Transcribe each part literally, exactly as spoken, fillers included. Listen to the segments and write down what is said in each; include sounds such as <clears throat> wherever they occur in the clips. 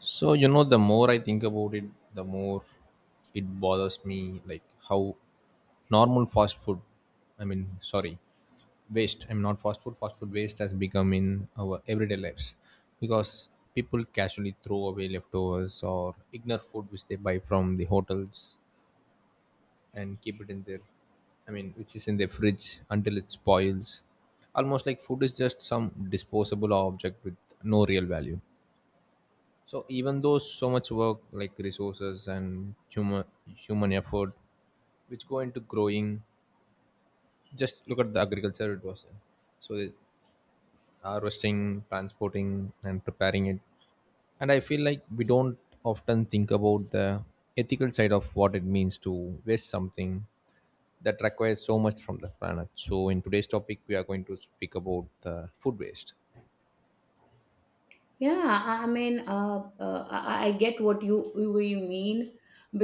So, you know, the more I think about it, the more it bothers me, like how normal fast food, I mean, sorry, waste, I mean, not fast food, fast food waste has become in our everyday lives because people casually throw away leftovers or ignore food which they buy from the hotels and keep it in their, I mean, which is in their fridge until it spoils. Almost like food is just some disposable object with no real value, so even though so much work, like resources and human human effort, which go into growing, just look at the agriculture it was in. So it- Harvesting, transporting, and preparing it. And I feel like we don't often think about the ethical side of what it means to waste something that requires so much from the planet. So in today's topic, we are going to speak about the food waste. Yeah, I I mean, uh, uh, I I- get what you you you mean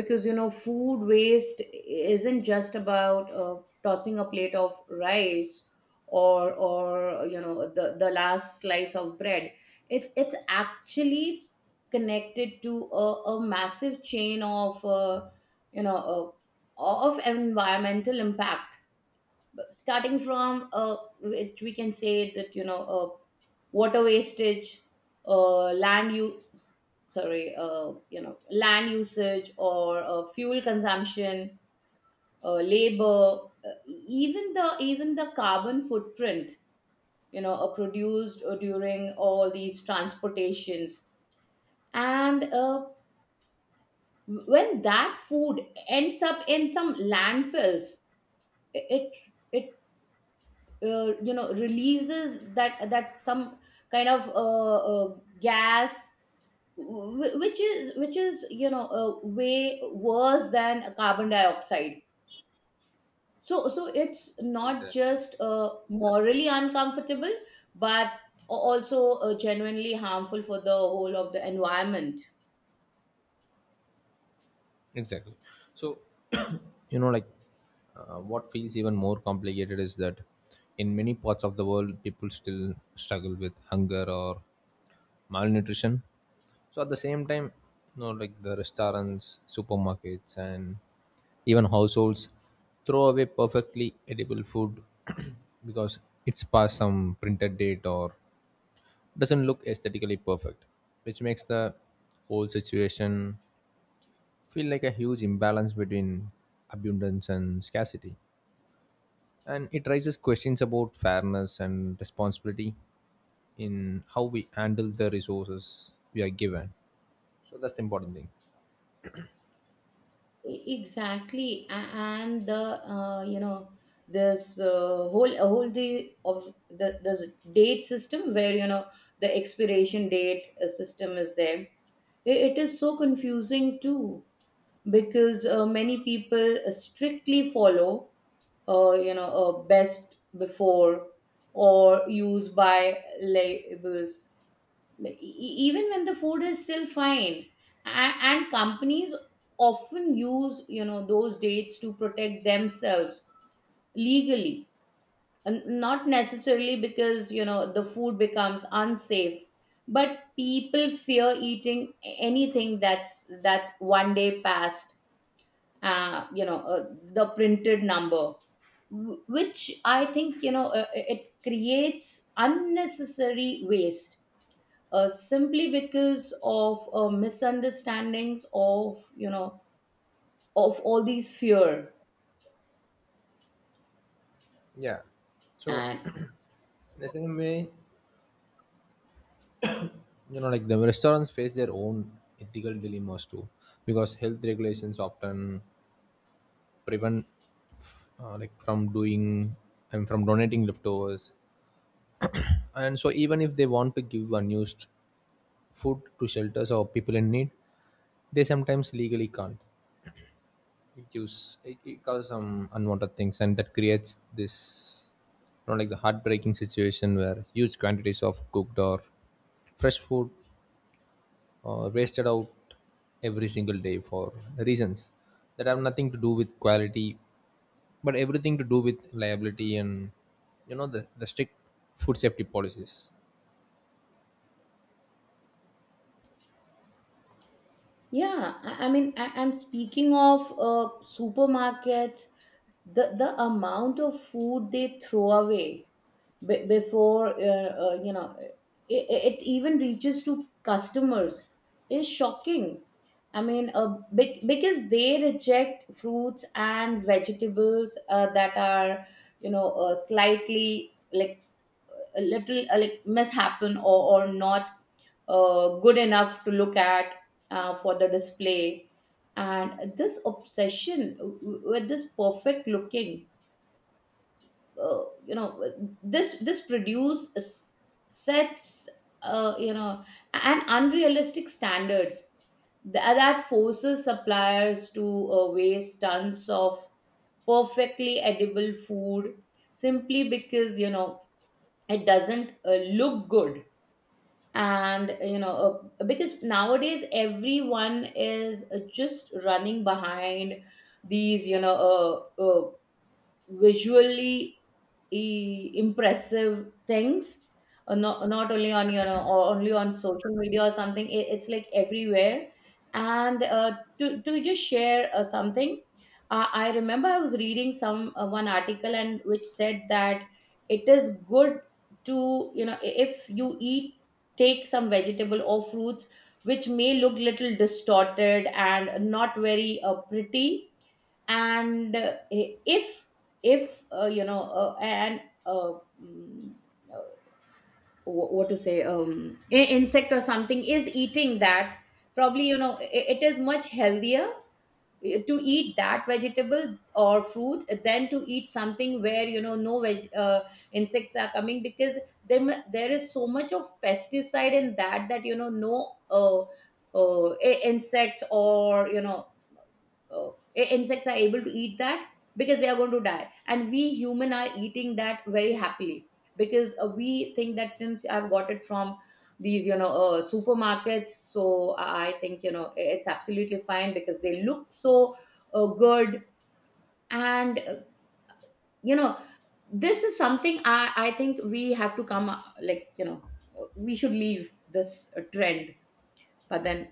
because you know, food waste isn't just about uh, tossing a plate of rice or or you know the the last slice of bread. It's it's actually connected to a, a massive chain of uh, you know uh, of environmental impact starting from uh, which we can say that you know uh, water wastage, uh, land use, sorry, uh, you know land usage, or uh, fuel consumption, uh, labor, uh, even the even the carbon footprint you know uh, produced uh, during all these transportations. And uh, when that food ends up in some landfills, it it uh, you know releases that that some kind of uh, uh, gas, wh- which is which is you know uh, way worse than carbon dioxide. So so it's not Exactly. just uh, morally uncomfortable, but a- also uh, genuinely harmful for the whole of the environment. Exactly. So, you know, like uh, what feels even more complicated is that in many parts of the world people still struggle with hunger or malnutrition, so at the same time, you know, like the restaurants, supermarkets, and even households throw away perfectly edible food <clears throat> because it's past some printed date or doesn't look aesthetically perfect, which makes the whole situation feel like a huge imbalance between abundance and scarcity, and it raises questions about fairness and responsibility in how we handle the resources we are given. So that's the important thing. E- exactly A- and the uh, you know this uh, whole a whole the of the this date system, where you know the expiration date uh, system is there, I- it is so confusing too, because uh, many people uh, strictly follow uh, you know uh, "best before" or "use by" labels e- e- even when the food is still fine. And, and companies often use you know those dates to protect themselves legally, and not necessarily because you know the food becomes unsafe. But people fear eating anything that's that's one day past uh, you know uh, the printed number, wh- which I think you know uh, it creates unnecessary waste, uh, simply because of uh, misunderstandings, of you know of all these fear Yeah. So and. <clears throat> in the same way, you know, like the restaurants face their own ethical dilemmas too, because health regulations often prevent uh, like from doing and from donating leftovers, and so even if they want to give unused food to shelters or people in need, they sometimes legally can't. It gives it, it, causes some unwanted things, and that creates this, you know, like the heartbreaking situation where huge quantities of cooked or fresh food are wasted out every single day for reasons that have nothing to do with quality but everything to do with liability and, you know, the, the strict food safety policies. Yeah, I, I mean, I, and speaking of uh, supermarkets, the the amount of food they throw away b- before uh, uh, you know it, it even reaches to customers is shocking. I mean, uh, bec- because they reject fruits and vegetables uh, that are you know uh, slightly, like a little, uh, like mishappen, or, or not uh, good enough to look at uh, for the display. And this obsession w- w- with this perfect looking uh, you know this this produce, s- sets uh, you know an unrealistic standards Th- that forces suppliers to uh, waste tons of perfectly edible food, simply because you know it doesn't uh, look good. And you know uh, because nowadays everyone is uh, just running behind these you know uh, uh, visually e- impressive things, uh, not, not only on, you know or only on social media or something. It, it's like everywhere, and uh, to, to just share uh, something. uh, I remember I was reading some uh, one article, and which said that it is good to, you know i- if you eat, take some vegetable or fruits which may look little distorted and not very uh, pretty. And uh, if if uh, you know uh, and uh, mm, uh, wh- what to say, um i- insect or something is eating that, probably you know i- it is much healthier uh, to eat that vegetable or fruit than to eat something where you know no veg, uh, insects are coming, because there mu- there is so much of pesticide in that, that you know no, uh, uh, i- insects, or you know oh, i- insects are able to eat that, because they are going to die. And we human are eating that very happily, because uh, we think that since I've got it from these you know uh, supermarkets, so i I think you know i- it's absolutely fine, because they look so uh, good. And uh, you know this is something i i think we have to come uh, like you know uh, we should leave this uh, trend. But then,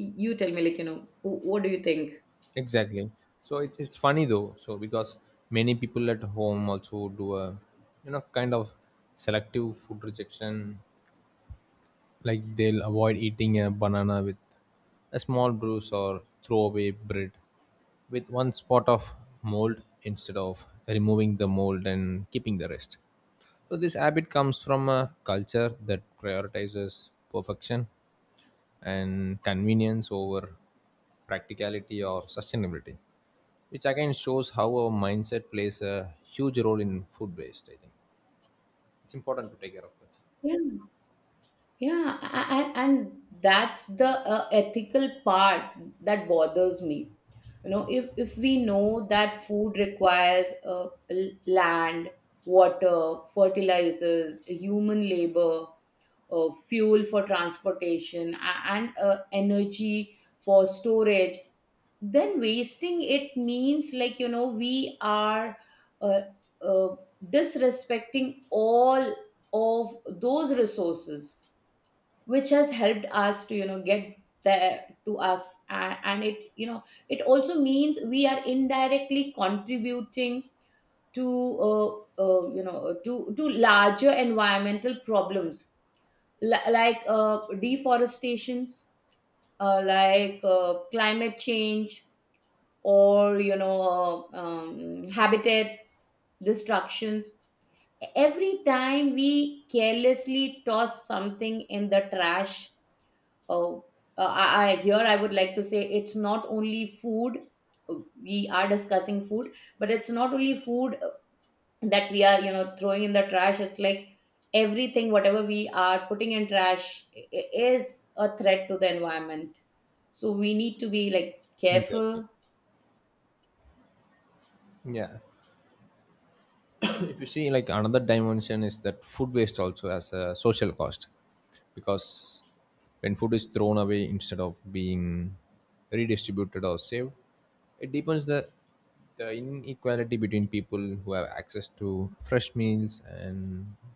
y- you tell me, like, you know wh- what do you think? Exactly. So it, it's funny though, so because many people at home also do a, you know, kind of selective food rejection, like they'll avoid eating a banana with a small bruise or throw away bread with one spot of mold instead of removing the mold and keeping the rest. So this habit comes from a culture that prioritizes perfection and convenience over practicality or sustainability, which again shows how our mindset plays a huge role in food waste. I think it's important to take care of that. Yeah. Yeah, and, and that's the uh, ethical part that bothers me. You know, if, if we know that food requires uh, l- land, water, fertilizers, human labor, uh, fuel for transportation, a- and uh, energy for storage, then wasting it means, like, you know, we are uh, uh, disrespecting all of those resources, which has helped us to, you know, get there to us. And, and it, you know, it also means we are indirectly contributing to uh, uh, you know to to larger environmental problems, li- like uh, deforestations, uh, like uh, climate change, or you know uh, um, habitat destructions, every time we carelessly toss something in the trash. Oh, uh, I, I here I would like to say, it's not only food. uh, We are discussing food, but it's not only food uh, that we are, you know, throwing in the trash. It's like everything, whatever we are putting in trash, i- i- is a threat to the environment. So we need to be, like, Exactly. careful. Yeah. <coughs> If you see, like, another dimension is that food waste also has a social cost, because when food is thrown away instead of being redistributed or saved, it deepens the the inequality between people who have access to fresh meals and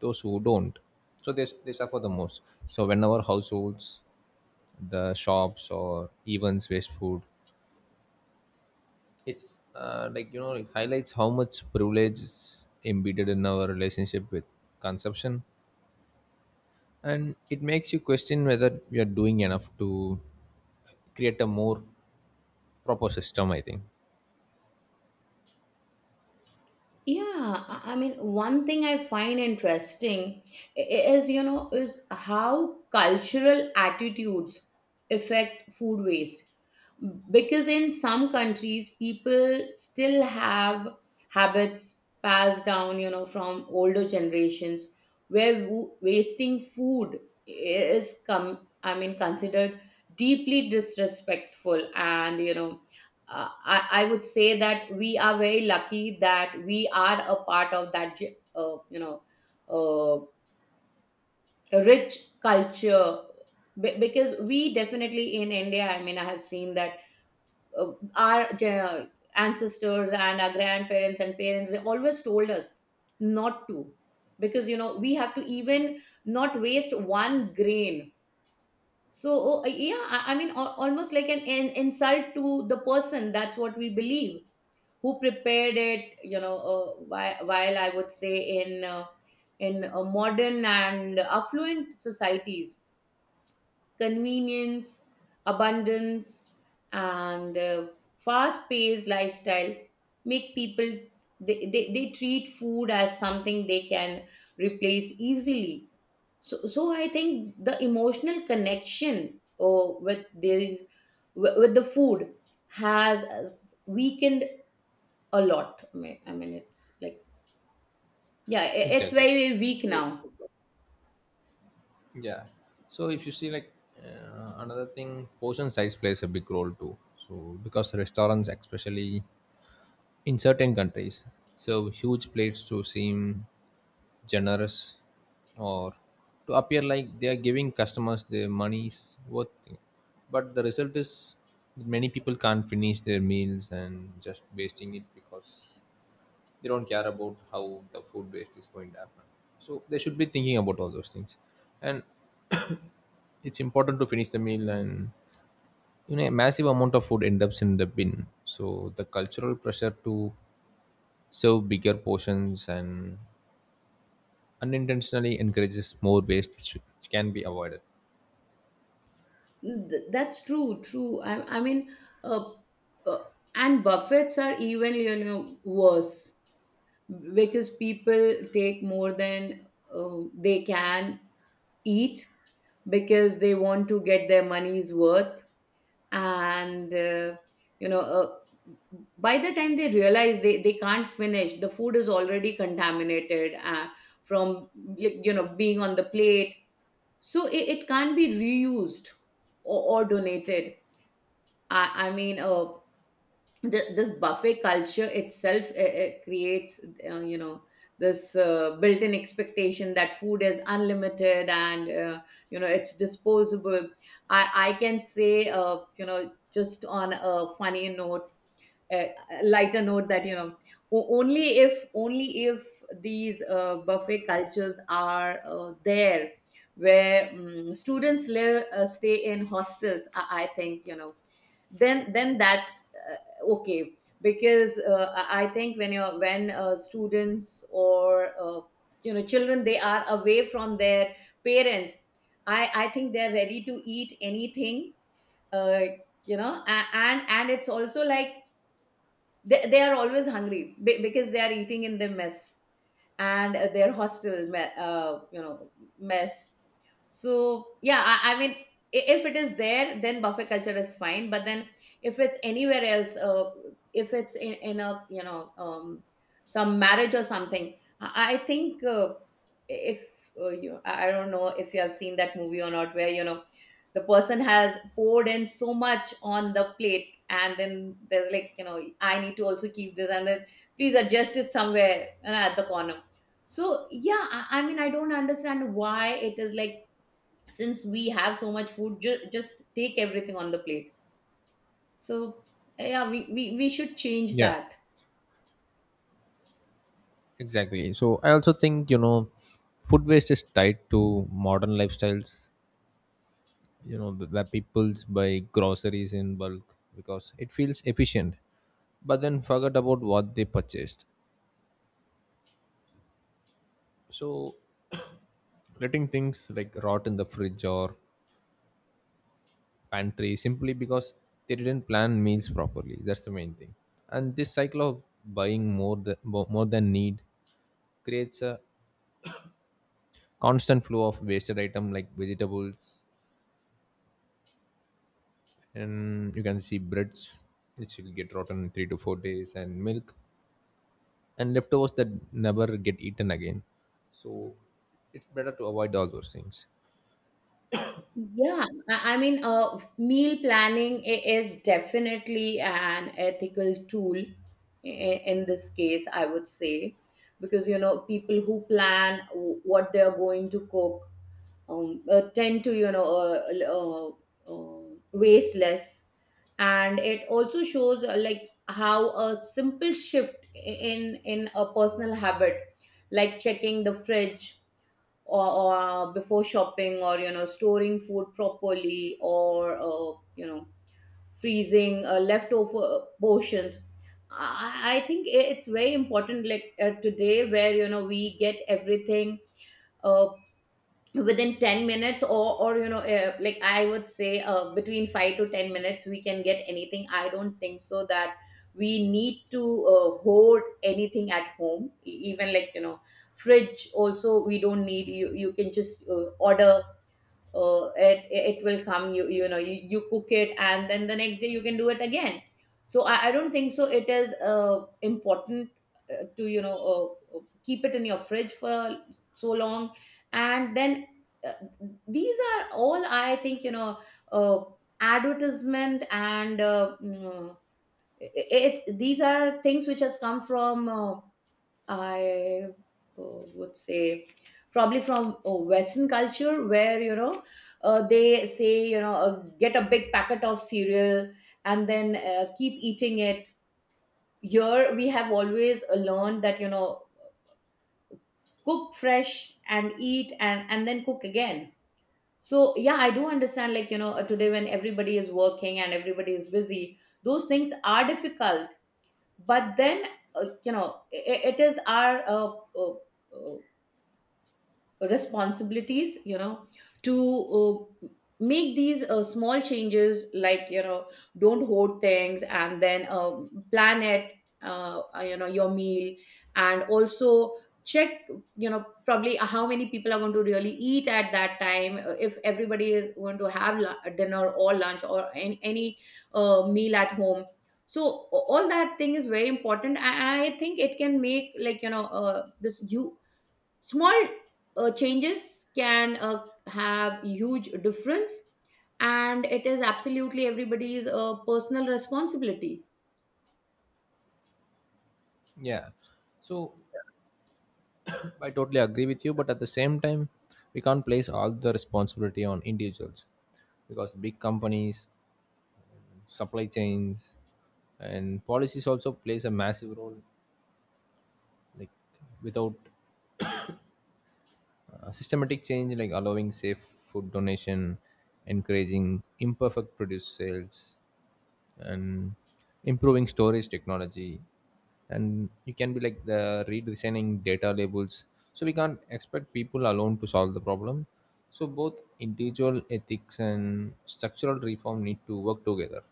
those who don't. So they, they suffer the most. So whenever households, the shops, or events waste food, it's, uh, like, you know, it highlights how much privilege is embedded in our relationship with consumption, and it makes you question whether we are doing enough to create a more proper system, I think. Yeah, I I mean, one thing I find interesting i- i- is, you know, is how cultural attitudes affect food waste. Because in some countries, people still have habits passed down, you know, from older generations, where wo- wasting food is come, I mean, considered deeply disrespectful, and, you know, uh, I, I would say that we are very lucky that we are a part of that ge- uh, you know uh, rich culture. Be- because we definitely, in India, I mean, I have seen that, uh, our ge- ancestors and our grandparents and parents, they always told us not to, because, you know, we have to even not waste one grain. So uh, yeah, i I mean, al- almost like an, an insult to the person, that's what we believe, who prepared it, you know. Uh, whi- while I would say, in uh, in uh, modern and affluent societies, convenience, abundance, and uh, fast paced lifestyle make people, they, they, they treat food as something they can replace easily. So so I think the emotional connection, oh, with these, with the food, has uh, weakened a lot. I mean, I mean, it's like, yeah, i- it's Exactly. very, very weak now. Yeah. So if you see, like, uh, another thing, portion size plays a big role too. So because restaurants, especially in certain countries, serve huge plates to seem generous or to appear like they are giving customers their money's worth. But the result is that many people can't finish their meals and just wasting it because they don't care about how the food waste is going to happen. So they should be thinking about all those things. And it's important to finish the meal, and you know, a massive amount of food end up in the bin. So the cultural pressure to serve bigger portions and unintentionally encourages more waste, which, which can be avoided. Th- That's true, true. I, I mean, uh, uh, and buffets are even, you know, worse, because people take more than uh, they can eat, because they want to get their money's worth. And uh, you know uh, by the time they realize, they, they can't, finish the food is already contaminated, uh, from, like, you know, being on the plate. So it, it can't be reused, or, or donated. I, I mean, uh, th- this buffet culture itself uh, uh, creates uh, you know this uh, built-in expectation that food is unlimited, and uh, you know it's disposable. I i can say, uh, you know just on a funny note, a a lighter note, that, you know, o- only if only if these uh, buffet cultures are uh, there where um, students live, uh, stay in hostels. I, I think, you know, then then that's uh, okay, because uh, i I think when you're, when uh, students or uh, you know children, they are away from their parents, i i think they're ready to eat anything. uh, you know a- and and it's also like, they, they are always hungry, be- because they are eating in the mess, and uh, their hostel me- uh, you know mess. So yeah, I, I mean, i- if it is there, then buffet culture is fine. But then, if it's anywhere else, uh, if it's in, in a, you know, um, some marriage or something, i, I think, uh, if uh, you, I I don't know if you have seen that movie or not, where, you know, the person has poured in so much on the plate, and then there's, like, you know, I need to also keep this, and then please adjust it somewhere, you know, at the corner. So yeah, I, I mean, I don't understand why it is like, since we have so much food, ju- just take everything on the plate. So yeah, we, we we should change Yeah, that. exactly. So I also think, you know, food waste is tied to modern lifestyles, you know, wh- where people buy groceries in bulk because it feels efficient, but then forget about what they purchased. So <coughs> <clears throat> letting things like rot in the fridge or pantry simply because they didn't plan meals properly. That's the main thing. And this cycle of buying more than more than need creates a constant flow of wasted item like vegetables, and you can see breads which will get rotten in three to four days, and milk and leftovers that never get eaten again. So it's better to avoid all those things. Yeah, I I mean, uh, meal planning i- is definitely an ethical tool i- in this case, I would say, because, you know, people who plan w- what they're going to cook um, uh, tend to, you know, uh, l- uh, uh, waste less. And it also shows uh, like how a simple shift i- in in a personal habit, like checking the fridge or, or before shopping, or you know, storing food properly, or uh, you know, freezing uh, leftover portions. I, I think it's very important, like uh, today where you know we get everything, uh, within ten minutes or or you know, uh, like I would say uh, between five to ten minutes we can get anything. I don't think so that we need to uh, hoard anything at home. E- even like you know, fridge also we don't need. You you can just uh, order, uh, it it will come, you you know, you, you cook it and then the next day you can do it again. So i, I don't think so it is uh, important uh, to, you know, uh, uh, keep it in your fridge for so long. And then uh, these are all, I think, you know, uh, advertisement. And uh, mm, uh, it, it these are things which has come from uh, I uh, would say probably from uh, Western culture, where you know, uh, they say, you know, uh, get a big packet of cereal and then uh, keep eating it. Here we have always uh, learned that you know, cook fresh and eat, and and then cook again. So yeah, I do understand, like you know, uh, today when everybody is working and everybody is busy, those things are difficult. But then uh, you know, i i- it is our uh, uh, uh, responsibilities, you know, to uh, make these uh, small changes, like you know, don't hoard things, and then uh, plan it, uh, uh, you know, your meal, and also check, you know, probably how many people are going to really eat at that time, uh, if everybody is going to have lu- dinner or lunch or any, any uh, meal at home. So a- all that thing is very important. i I think it can make, like you know, uh, this you small uh, changes can uh, have huge difference. And it is absolutely everybody's uh, personal responsibility. Yeah. So I totally agree with you, but at the same time, we can't place all the responsibility on individuals because big companies, supply chains, and policies also plays a massive role. Like without uh, systematic change, like allowing safe food donation, encouraging imperfect produce sales, and improving storage technology, and you can be like the redesigning data labels, so we can't expect people alone to solve the problem. So both individual ethics and structural reform need to work together.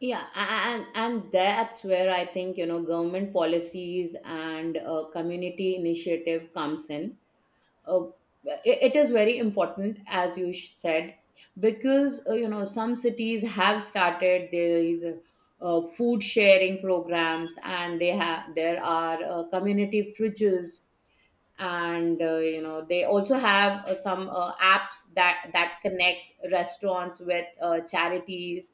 Yeah, and and that's where I think, you know, government policies and uh, community initiative comes in. Uh, it, it is very important, as you sh- said, because uh, you know, some cities have started these uh, food sharing programs, and they have there are uh, community fridges, and uh, you know, they also have uh, some uh, apps that that connect restaurants with uh, charities,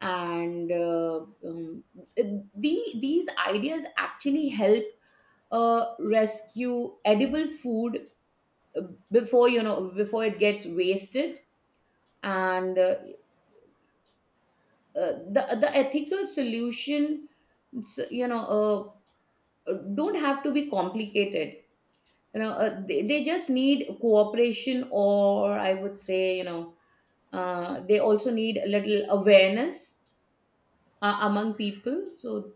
and uh, um, the, these ideas actually help uh, rescue edible food uh, before you know, before it gets wasted. And uh, uh, the the ethical solution, you know, uh, don't have to be complicated, you know, uh, they, they just need cooperation, or I would say, you know, uh, they also need a little awareness uh, among people. So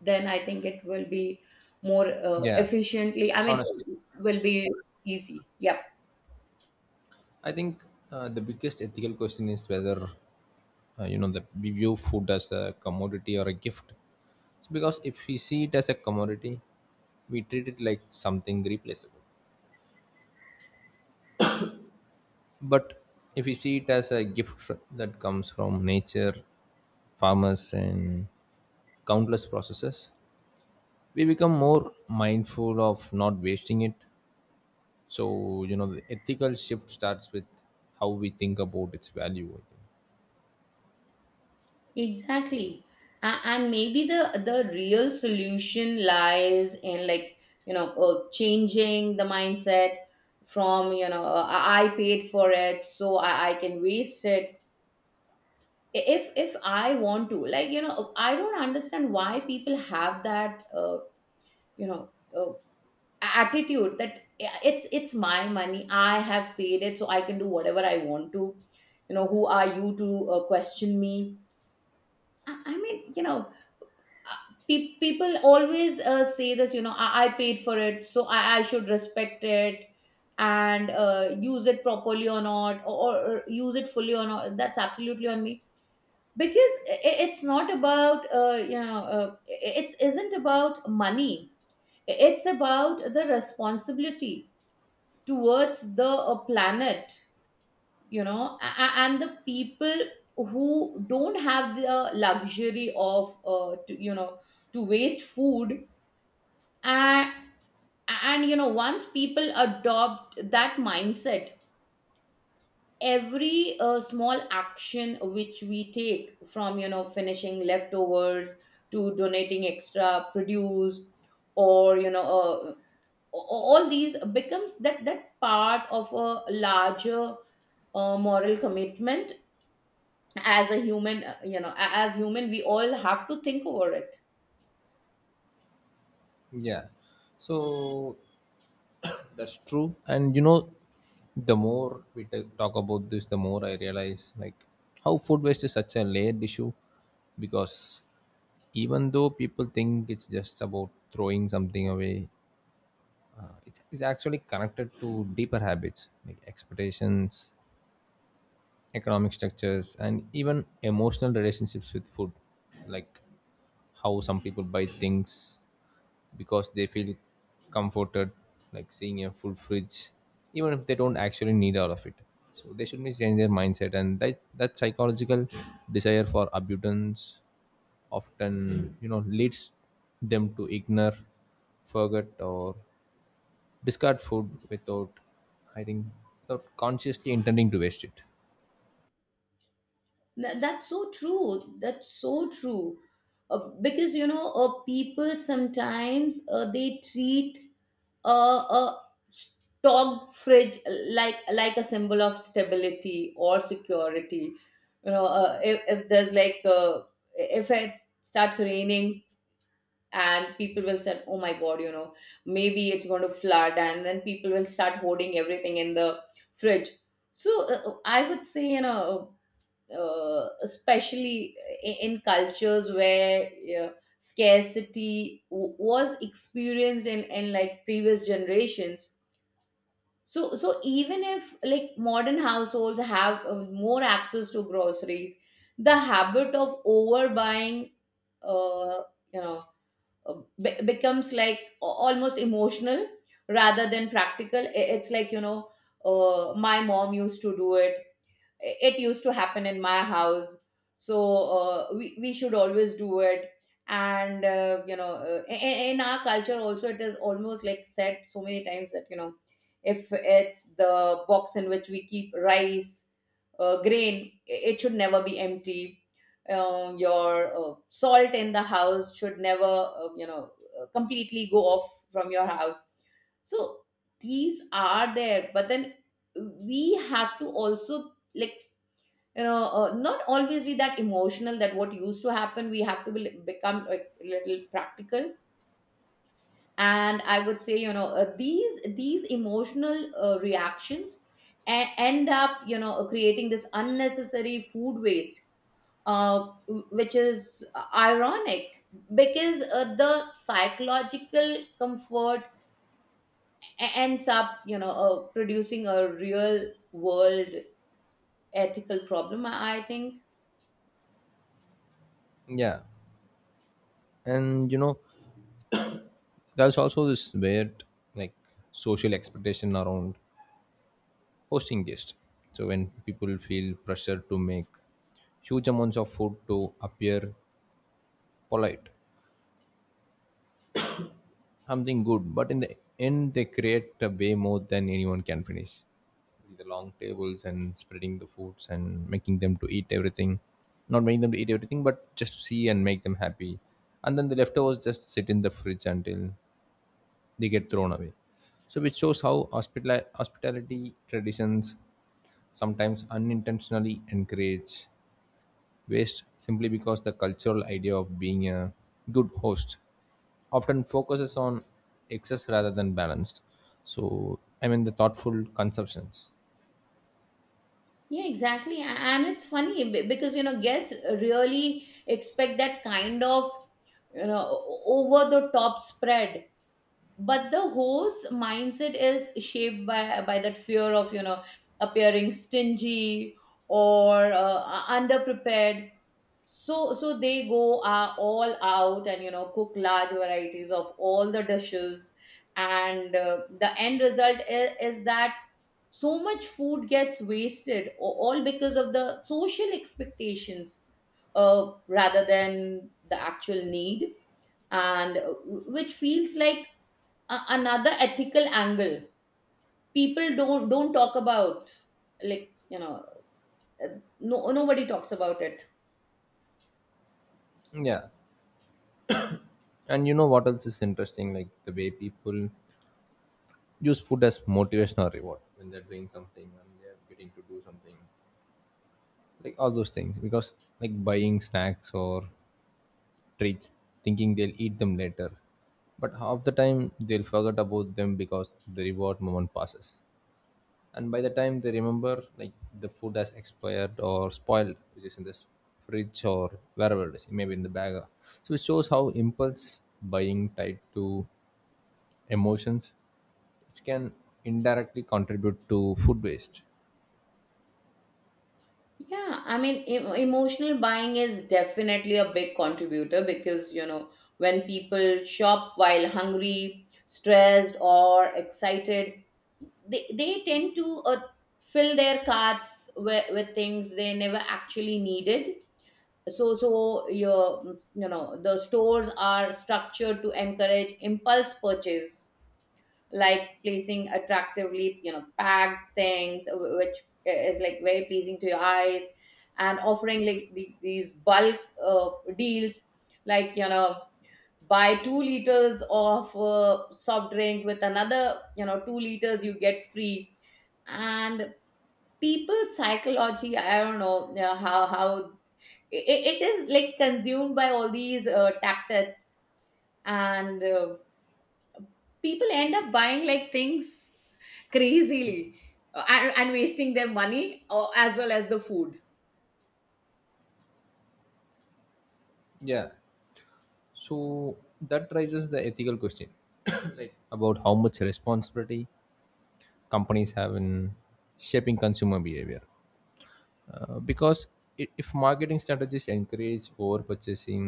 then I think it will be more uh, Yeah, efficiently, I mean, honestly, will be easy. Yep, I think uh, the biggest ethical question is whether uh, you know, that we view food as a commodity or a gift. So because if we see it as a commodity, we treat it like something replaceable. But if we see it as a gift fr- that comes from nature, farmers, and countless processes, we become more mindful of not wasting it. So, you know, the ethical shift starts with how we think about its value. I exactly. A- and maybe the the real solution lies in, like you know, uh, changing the mindset from, you know, uh, I I paid for it, so I, I can waste it if if I want to. Like you know, I don't understand why people have that uh, you know, uh, attitude that yeah, it's it's my money, I have paid it, so I can do whatever I want to. You know, who are you to uh, question me? I, I mean, you know, uh, pe- people always uh, say this, you know, I, I paid for it, so i, I should respect it and uh, use it properly or not, or, or use it fully or not, that's absolutely on me. Because i- it's not about uh, you know, uh, it isn't about money, it's about the responsibility towards the uh, planet, you know, a- a- and the people who don't have the luxury of uh, to, you know, to waste food. and and you know, once people adopt that mindset, every uh, small action which we take, from, you know, finishing leftovers to donating extra produce, or you know, uh, all these becomes that that part of a larger uh, moral commitment. As a human, uh, you know, a- as human, we all have to think over it. think. Yeah. So, that's true. And you know, the more we ta- talk about this, the more I realize, like, how food waste is such a layered issue, because even though people think it's just about throwing something away, uh, it's, it's actually connected to deeper habits like expectations, economic structures, and even emotional relationships with food, like how some people buy things because they feel comforted, like seeing a full fridge even if they don't actually need all of it. So they should be change their mindset, and that that psychological desire for abundance often, you know, leads them to ignore, forget, or discard food without, I think, without consciously intending to waste it. Th- that's so true, that's so true. Uh, because you know, uh, people sometimes uh, they treat a a stocked fridge like like a symbol of stability or security. You know, uh, if, if there's like uh, if it starts raining, and people will say, oh my god, you know, maybe it's going to flood, and then people will start hoarding everything in the fridge. So uh, uh, I would say, you know, uh, especially i- in cultures where uh, scarcity w- was experienced in, in like previous generations. So, so even if like modern households have uh, more access to groceries, the habit of overbuying, uh, you know, uh, be- becomes like a- almost emotional rather than practical. I- It's like you know, uh, my mom used to do it, it used to happen in my house, so uh, we, we should always do it. And uh, you know, uh, in, in our culture also, it is almost like said so many times that you know, if it's the box in which we keep rice uh, grain, i- it should never be empty. Uh, your uh, salt in the house should never uh, you know, uh, completely go off from your house. So these are there, but then we have to also, like you know, uh, not always be that emotional that what used to happen, we have to be, become like a little practical. And I would say, you know, uh, these these emotional uh, reactions e- end up, you know, uh, creating this unnecessary food waste, uh, which is ironic, because uh, the psychological comfort e- ends up, you know, uh, producing a real world ethical problem, I I think. Yeah, and you know, there's also this weird, like, social expectation around hosting guests. So when people feel pressure to make huge amounts of food to appear polite, something good, but in the end they create a way more than anyone can finish. The long tables and spreading the foods and making them to eat everything, not making them to eat everything, but just to see and make them happy. And then the leftovers just sit in the fridge until they get thrown away. So which shows how hospitali- hospitality traditions sometimes unintentionally encourage waste simply because the cultural idea of being a good host often focuses on excess rather than balanced. So, I mean, the thoughtful conceptions. Yeah, exactly. A- And it's funny be- because, you know, guests really expect that kind of, you know, over the top spread. But the host mindset is shaped by, by that fear of, you know, appearing stingy or uh, underprepared. So, so they go uh, all out and, you know, cook large varieties of all the dishes. And uh, the end result is, is that so much food gets wasted, a- all because of the social expectations uh, rather than the actual need. And uh, which feels like a- another ethical angle people don't don't talk about, like you know, uh, no, nobody talks about it. Yeah. And you know what else is interesting? Like the way people use food as motivation or reward when they're doing something and they're getting to do something. Like all those things. Because, like, buying snacks or treats, thinking they'll eat them later. But half the time, they'll forget about them because the reward moment passes. And by the time they remember, like, the food has expired or spoiled, which is in this fridge or wherever it is, maybe in the bag. So it shows how impulse buying tied to emotions, which can indirectly contribute to food waste. Yeah, I mean, em- emotional buying is definitely a big contributor, because you know, when people shop while hungry, stressed, or excited, they, they tend to uh, fill their carts with, with things they never actually needed. So so your, you know, the stores are structured to encourage impulse purchase, like placing attractively, you know, packed things, wh- which is like very pleasing to your eyes, and offering like the, these bulk uh, deals, like you know, buy two liters of uh, soft drink, with another, you know, two liters you get free. And people psychology, I don't know, you know, how how it, it is like consumed by all these uh, tactics. And uh, people end up buying like things crazily, uh, and, and wasting their money uh, as well as the food. Yeah. So that raises the ethical question <coughs> like about how much responsibility companies have in shaping consumer behavior, uh, because i- if marketing strategies encourage over purchasing,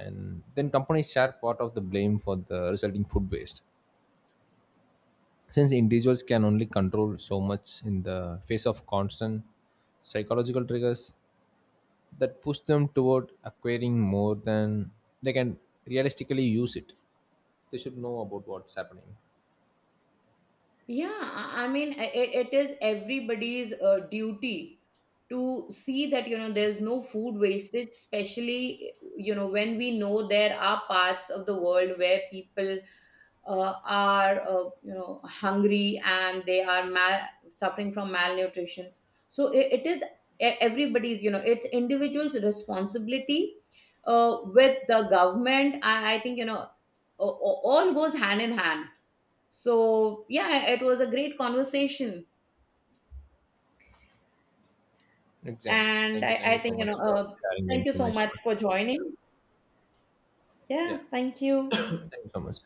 and then companies share part of the blame for the resulting food waste, since individuals can only control so much in the face of constant psychological triggers that push them toward acquiring more than they can realistically use it. They should know about what's happening. Yeah, i I mean, i- it, it is everybody's uh, duty to see that you know, there's no food wastage, especially you know when we know there are parts of the world where people uh, are uh, you know, hungry, and they are mal- suffering from malnutrition. So it, it is e- everybody's, you know, it's individuals responsibility, uh, with the government, I, I think, you know, a- a- all goes hand in hand. So yeah, it was a great conversation. Exactly. And Thank you. i, Thank you I so think, you much know, for uh, sharing the thank you so information. much for joining. Yeah, Yeah, thank you. thank you so much.